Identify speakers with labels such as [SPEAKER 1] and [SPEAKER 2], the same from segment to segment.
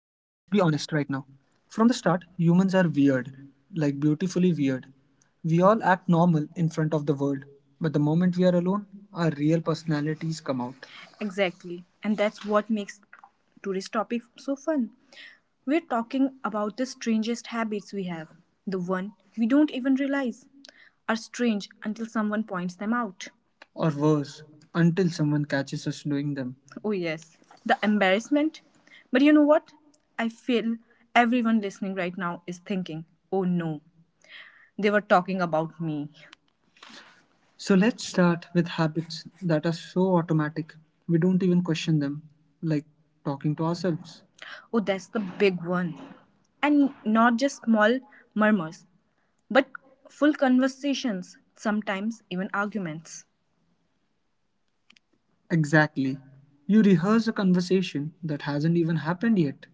[SPEAKER 1] Right now. From the start, humans are weird, like beautifully weird. We all act normal in front of the world, but the moment we are alone, our real personalities come out. Exactly. And that's what makes today's topic so fun. We're talking about the strangest habits we have, the one we don't even realize are strange until someone points them out. Or worse, until someone catches us doing them. Oh, yes, the embarrassment. But you know what? I feel everyone listening right now is thinking, oh no, they were talking about me. So let's start with habits that are so automatic we don't even question them, like talking to ourselves. Oh, that's the big one. And not just small murmurs, but full conversations, sometimes even arguments. Exactly. You rehearse a conversation that hasn't even happened yet.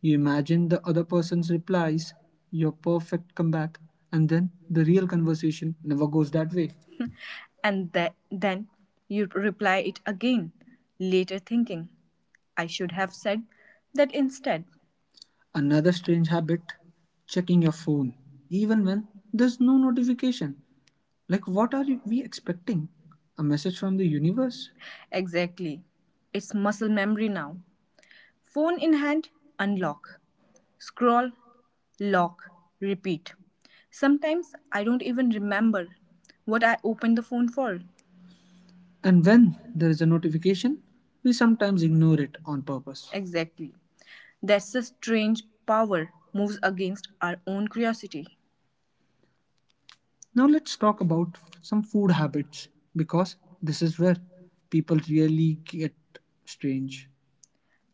[SPEAKER 1] You imagine the other person's replies, your perfect comeback, and then the real conversation never goes that way. And then you reply it again, later thinking, I should have said that instead. Another strange habit checking your phone, even when there's no notification. Like, what are we expecting? A message from the universe? Exactly. It's muscle memory now. Phone in hand, unlock. Scroll, lock, repeat. Sometimes I don't even remember what I opened the phone for. And when there is a notification, we sometimes ignore it on purpose. Exactly. That's the strange power moves against our own curiosity. Now let's talk about some food habits because this is where people really get strange.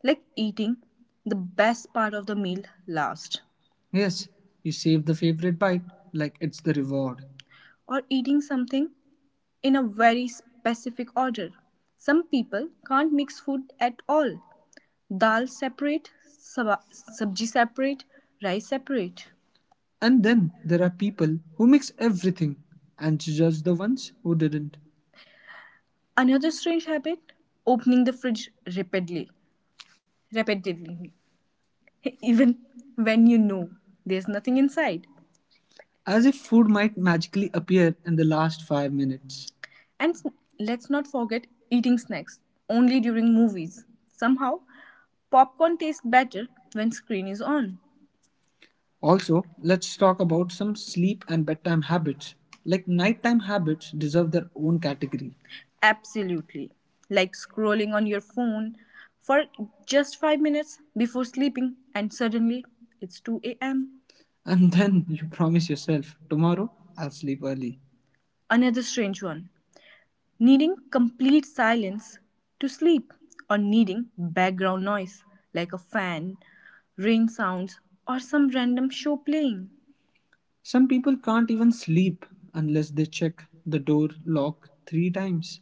[SPEAKER 1] Like eating the best part of the meal last. Yes, you save the favorite bite like it's the reward, or eating something in a very specific order. Some people can't mix food at all. Dal separate, sab- sabji separate, rice separate. And then there are people who mix everything and judge the ones who didn't. Another strange habit opening the fridge rapidly, repetitively, even when you know there's nothing inside. As if food might magically appear in the last 5 minutes. And let's not forget eating snacks only during movies. Somehow, popcorn tastes better when screen is on. Also, let's talk about some sleep and bedtime habits. Like nighttime habits deserve their own category. Absolutely. Like scrolling on your phone for just 5 minutes before sleeping and suddenly it's 2 a.m. And then you promise yourself, tomorrow I'll sleep early. Another strange one. Needing complete silence to sleep or needing background noise like a fan, rain sounds or some random show playing. Some people can't even sleep unless they check the door lock three times,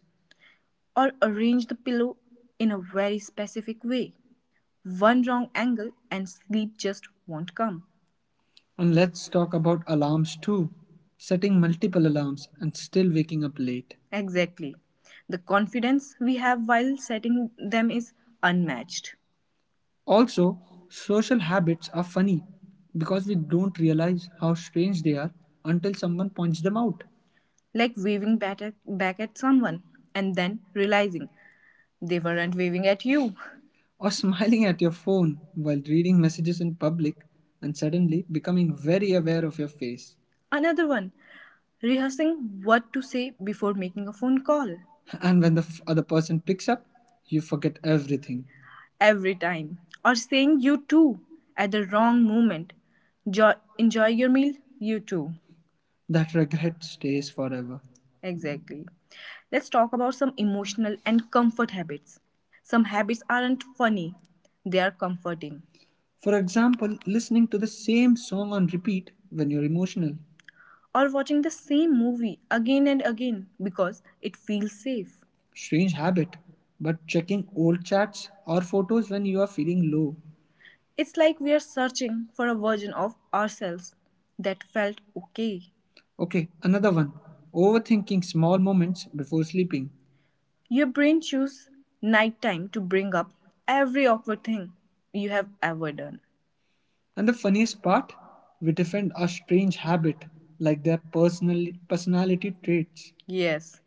[SPEAKER 1] or arrange the pillow in a very specific way. One wrong angle and sleep just won't come. And let's talk about alarms too. Setting multiple alarms and still waking up late. Exactly. The confidence we have while setting them is unmatched. Also, social habits are funny because we don't realize how strange they are until someone points them out. Like waving back at someone and then realizing they weren't waving at you. Or smiling at your phone while reading messages in public and suddenly becoming very aware of your face. Another one, rehearsing what to say before making a phone call. And when the other person picks up, you forget everything, every time, or saying you too at the wrong moment. jo- Enjoy your meal. You too. That regret stays forever. Exactly. Let's talk about some emotional and comfort habits. Some habits aren't funny, they are comforting. For example, listening to the same song on repeat when you're emotional, or watching the same movie again and again because it feels safe. Strange habit, but checking old chats or photos when you are feeling low. It's like we are searching for a version of ourselves that felt okay. Okay, another one. Overthinking small moments before sleeping. Your brain chooses nighttime to bring up every awkward thing you have ever done. And the funniest part, we defend our strange habit like their personal personality traits. Yes,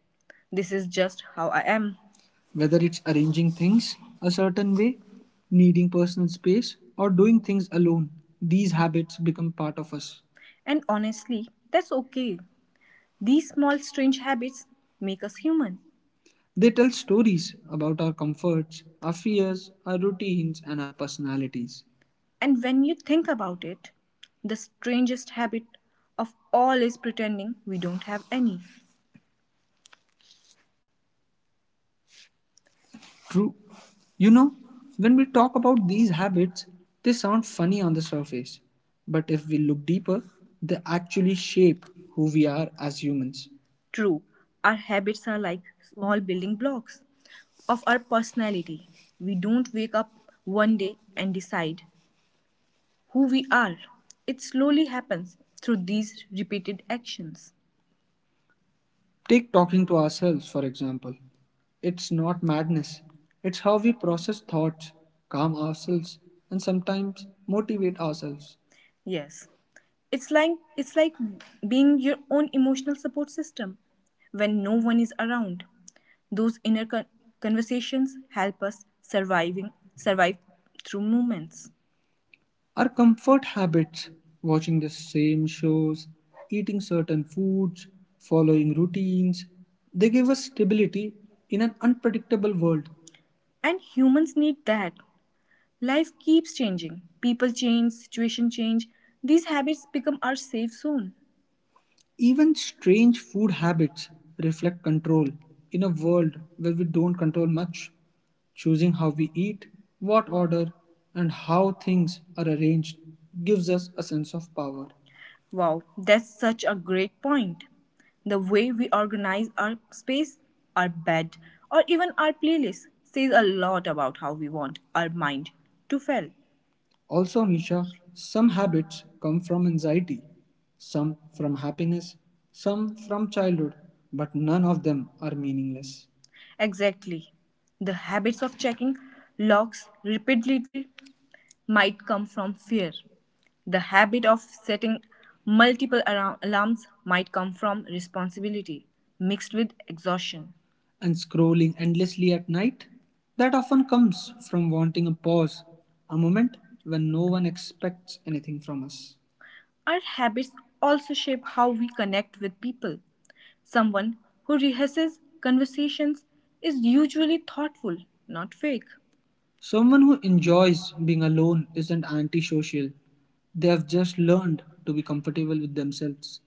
[SPEAKER 1] this is just how I am, whether it's arranging things a certain way, needing personal space, or doing things alone. These habits become part of us. And honestly, that's okay. These small strange habits make us human. They tell stories about our comforts, our fears, our routines, and our personalities. And when you think about it, the strangest habit of all is pretending we don't have any. True. You know, when we talk about these habits, they sound funny on the surface. But if we look deeper, they actually shape who we are as humans. True, our habits are like small building blocks of our personality. We don't wake up one day and decide who we are. It slowly happens through these repeated actions. Take talking to ourselves, for example. It's not madness, it's how we process thoughts, calm ourselves, and sometimes motivate ourselves. Yes. It's like it's like being your own emotional support system when no one is around. Those inner conversations help us surviving survive through moments. Our comfort habits, watching the same shows, eating certain foods, following routines, they give us stability in an unpredictable world. And humans need that. Life keeps changing. People change, situation change. These habits become our safe zone. Even strange food habits reflect control. In a world where we don't control much, choosing how we eat, what order, and how things are arranged gives us a sense of power. Wow, that's such a great point. The way we organize our space, our bed, or even our playlist says a lot about how we want our mind to feel. Also, Nisha, some habits come from anxiety, some from happiness, some from childhood, but none of them are meaningless. Exactly. The habits of checking locks repeatedly might come from fear. The habit of setting multiple alarms might come from responsibility mixed with exhaustion. And scrolling endlessly at night? That often comes from wanting a pause, a moment when no one expects anything from us. Our habits also shape how we connect with people. Someone who rehearses conversations is usually thoughtful, not fake. Someone who enjoys being alone isn't antisocial. They have just learned to be comfortable with themselves,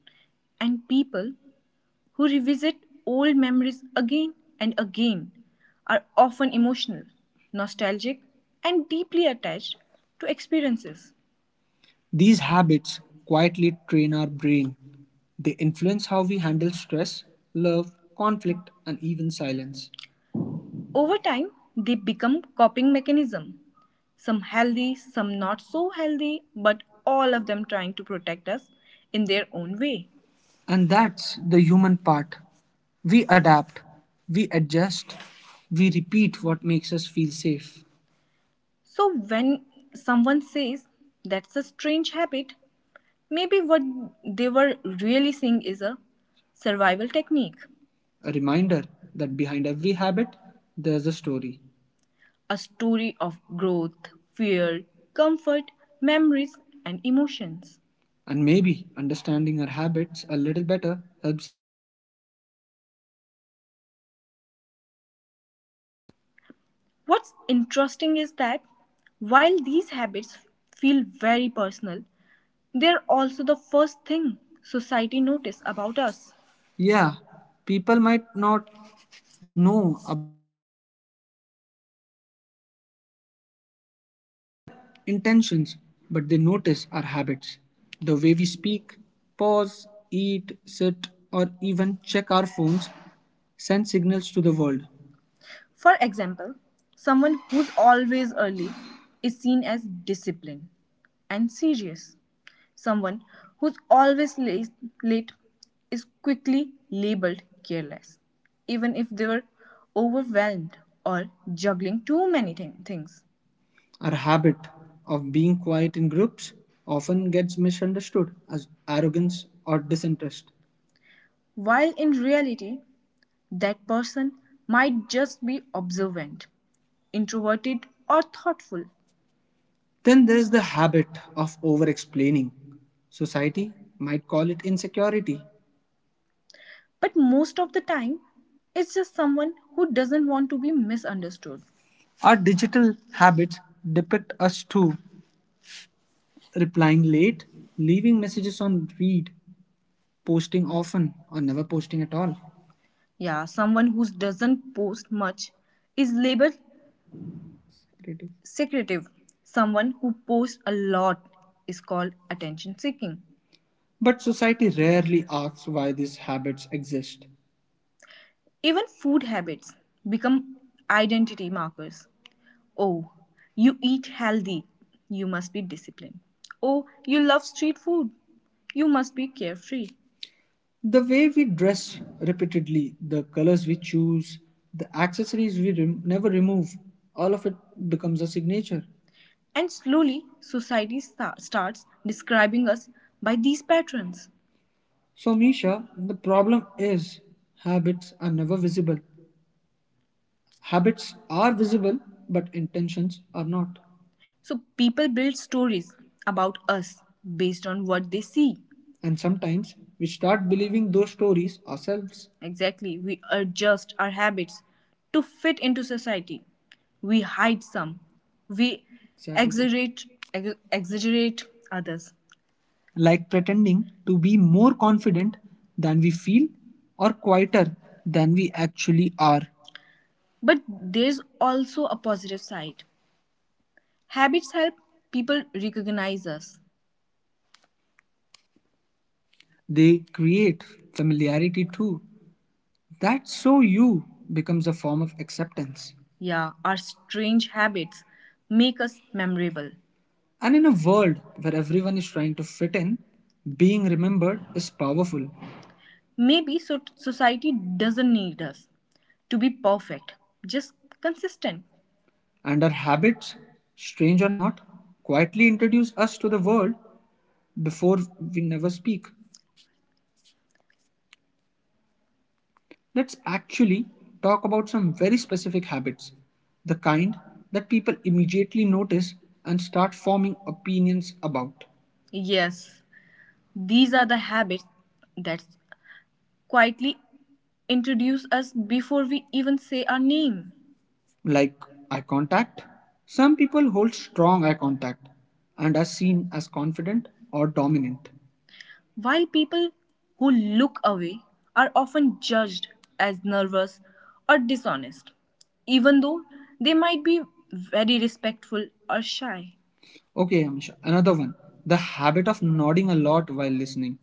[SPEAKER 1] and people who revisit old memories again and again are often emotional, nostalgic, and deeply attached to experiences. These habits quietly train our brain. They influence how we handle stress, love, conflict, and even silence. Over time, they become coping mechanism. Some healthy, some not so healthy, but all of them trying to protect us in their own way. And that's the human part. We adapt, we adjust, we repeat what makes us feel safe. So when someone says that's a strange habit, maybe what they were really saying is a survival technique, a reminder that behind every habit, there's a story. A story of growth, fear, comfort, memories, and emotions. And maybe understanding our habits a little better helps. What's interesting is that while these habits feel very personal, they're also the first thing society notices about us. Yeah, people might not know
[SPEAKER 2] Intentions, but they notice our habits, the way we speak, pause, eat, sit, or even check our phones, send signals to the world. For example, someone who's always early is seen as disciplined and serious. Someone who's always late is quickly labeled careless, even if they were overwhelmed or juggling too many things. Our habit of being quiet in groups often gets misunderstood as arrogance or disinterest. While in reality, that person might just be observant, introverted, or thoughtful. Then there's the habit of over explaining. Society might call it insecurity. But most of the time, it's just someone who doesn't want to be misunderstood. Our digital habits depict us too. Replying late, leaving messages on read, posting often, or never posting at all. Yeah, someone who doesn't post much is labeled creative, secretive. Someone who posts a lot is called attention seeking. But society rarely asks why these habits exist. Even food habits become identity markers. Oh, you eat healthy. You must be disciplined. Oh, you love street food. You must be carefree. The way we dress repeatedly, the colors we choose, the accessories we never remove, all of it becomes a signature. And slowly, society starts describing us by these patterns. So, Misha, the problem is habits are never visible. Habits are visible, but intentions are not. So people build stories about us based on what they see. And sometimes we start believing those stories ourselves. Exactly, we adjust our habits to fit into society. We hide some. We Exactly. exaggerate exaggerate others. Like pretending to be more confident than we feel or quieter than we actually are. But there's also a positive side. Habits help people recognize us. They create familiarity too. That's so you becomes a form of acceptance. Yeah, our strange habits make us memorable. And in a world where everyone is trying to fit in, being remembered is powerful. Maybe society doesn't need us to be perfect, just consistent. And our habits, strange or not, quietly introduce us to the world before we never speak. Let's actually talk about some very specific habits, the kind that people immediately notice and start forming opinions about. Yes, these are the habits that quietly introduce us before we even say our name. Like eye contact. Some people hold strong eye contact and are seen as confident or dominant. While people who look away are often judged as nervous or dishonest, even though they might be very respectful or shy. Okay, Amisha, another one. The habit of nodding a lot while listening.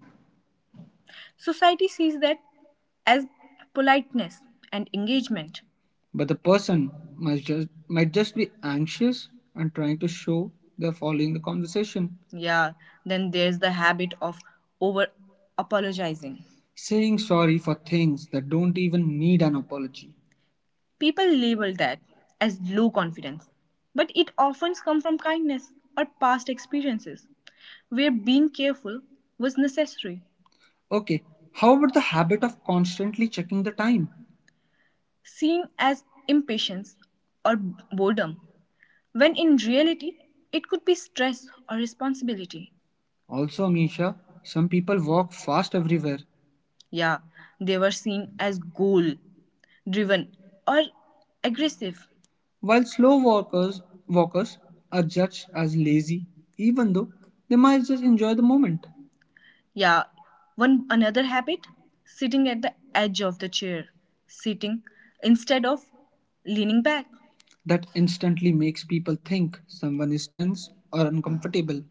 [SPEAKER 2] Society sees that as politeness and engagement. But the person might just be anxious and trying to show they're following the conversation. Yeah, then there's the habit of over apologizing. Saying sorry for things that don't even need an apology. People label that as low confidence, but it often comes from kindness or past experiences where being careful was necessary. Okay, how about the habit of constantly checking the time? Seen as impatience or boredom, when in reality it could be stress or responsibility. Also, Misha, some people walk fast everywhere. Yeah, they were seen as goal driven or aggressive. While slow walkers are judged as lazy, even though they might just enjoy the moment. Yeah. One another habit, sitting at the edge of the chair, sitting instead of leaning back. That instantly makes people think someone is tense or uncomfortable.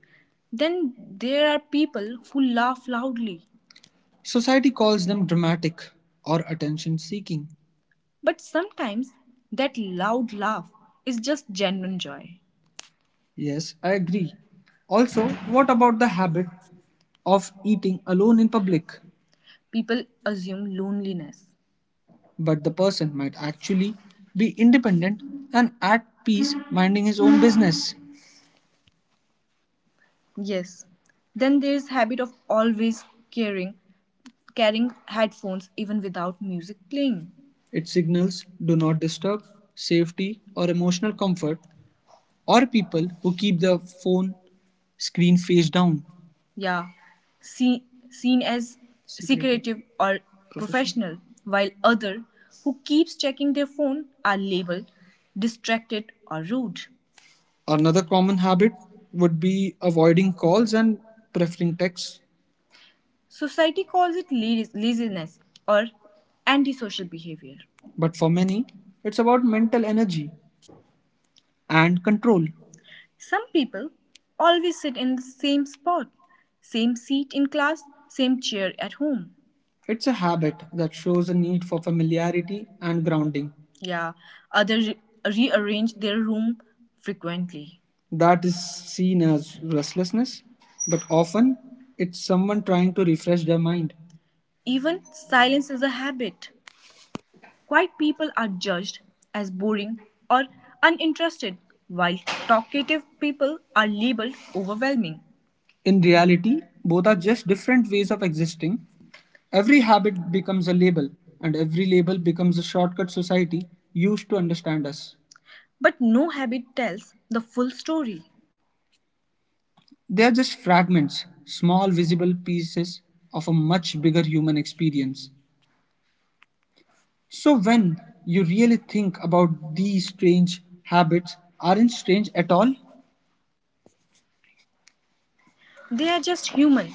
[SPEAKER 2] Then there are people who laugh loudly. Society calls them dramatic or attention seeking. But sometimes that loud laugh is just genuine joy. Yes, I agree. Also, what about the habit of eating alone in public? People assume loneliness. But the person might actually be independent and at peace minding his own business. Yes. Then there's habit of always carrying carrying headphones even without music playing. It signals do not disturb, safety, or emotional comfort. Or people who keep the phone screen face down. Yeah, see, seen as secretive or professional, while other who keeps checking their phone are labeled distracted or rude. Another common habit would be avoiding calls and preferring texts. Society calls it laziness or antisocial behavior. But for many, it's about mental energy and control. Some people always sit in the same spot, same seat in class, same chair at home. It's a habit that shows a need for familiarity and grounding. Yeah, others rearrange their room frequently. That is seen as restlessness, but often it's someone trying to refresh their mind. Even silence is a habit. Quiet people are judged as boring or uninterested, while talkative people are labeled overwhelming. In reality, both are just different ways of existing. Every habit becomes a label, and every label becomes a shortcut society used to understand us. But no habit tells the full story. They are just fragments, small visible pieces of a much bigger human experience. So when you really think about these strange habits aren't strange at all? They are just human.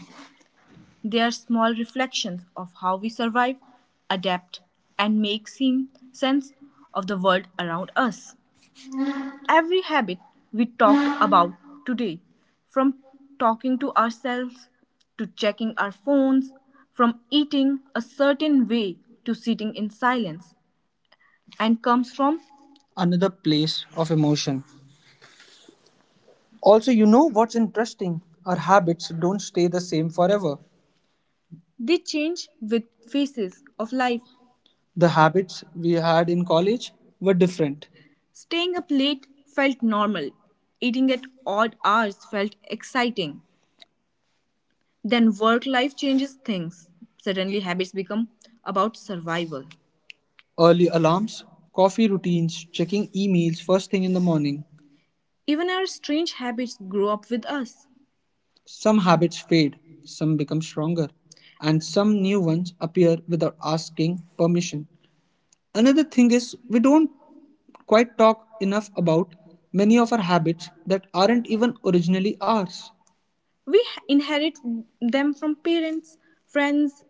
[SPEAKER 2] They are small reflections of how we survive, adapt, and make seem sense of the world around us. Every habit we talked about today, from talking to ourselves to checking our phones, from eating a certain way to sitting in silence, and comes from another place of emotion. Also, you know what's interesting? Our habits don't stay the same forever. They change with phases of life. The habits we had in college were different. Staying up late felt normal. Eating at odd hours felt exciting. Then work life changes things. Suddenly, habits become about survival. Early alarms, coffee routines, checking emails first thing in the morning. Even our strange habits grow up with us. Some habits fade, some become stronger, and some new ones appear without asking permission. Another thing is, we don't quite talk enough about many of our habits that aren't even originally ours. We inherit them from parents, friends,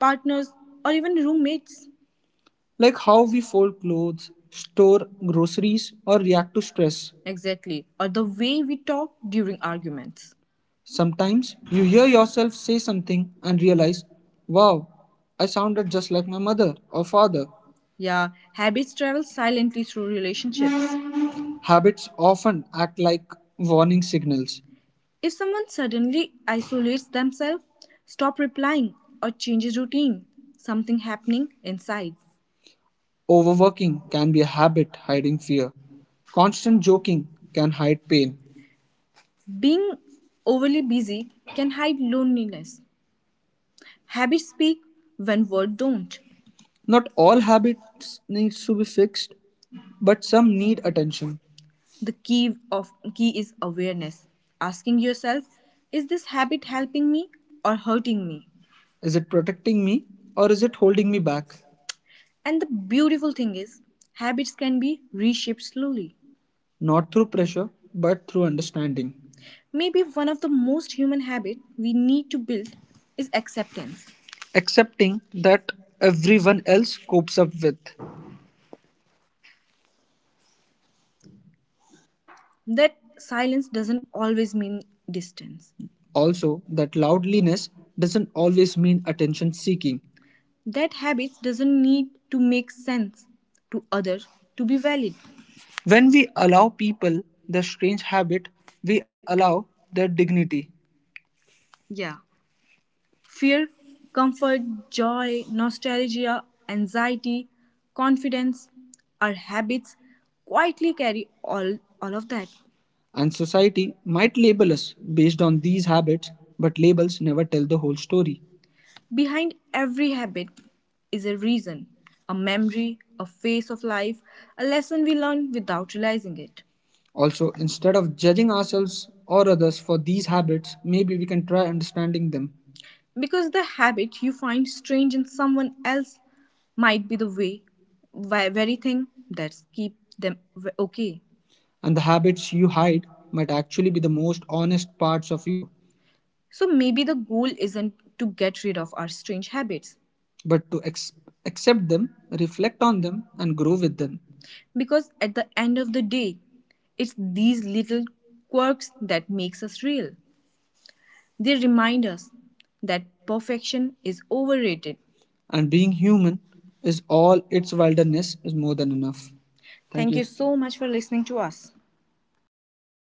[SPEAKER 2] partners, or even roommates. Like how we fold clothes, store groceries, or react to stress. Exactly. Or the way we talk during arguments. Sometimes you hear yourself say something and realize, wow, I sounded just like my mother or father. Yeah, habits travel silently through relationships. Habits often act like warning signals. If someone suddenly isolates themselves, stop replying, or changes routine, something happening inside. Overworking can be a habit hiding fear. Constant joking can hide pain. Being overly busy can hide loneliness. Habits speak when words don't. Not all habits need to be fixed, but some need attention. The key is awareness. Asking yourself, is this habit helping me or hurting me? Is it protecting me or is it holding me back? And the beautiful thing is, habits can be reshaped slowly. Not through pressure, but through understanding. Maybe one of the most human habits we need to build is acceptance. Accepting that everyone else copes up with. That silence doesn't always mean distance. Also, that loudliness doesn't always mean attention seeking. That habits doesn't need to make sense to others to be valid. When we allow people the strange habit, we allow their dignity. Yeah. Fear, comfort, joy, nostalgia, anxiety, confidence, our habits quietly carry all of that. And society might label us based on these habits, but labels never tell the whole story. Behind every habit is a reason, a memory, a phase of life, a lesson we learn without realizing it. Also, instead of judging ourselves or others for these habits, maybe we can try understanding them. Because the habit you find strange in someone else might be the very thing that's keep them okay. And the habits you hide might actually be the most honest parts of you. So maybe the goal isn't to get rid of our strange habits, but to accept them, reflect on them, and grow with them. Because at the end of the day, it's these little quirks that makes us real. They remind us that perfection is overrated. And being human is all its wilderness is more than enough. Thank you so much for listening to us.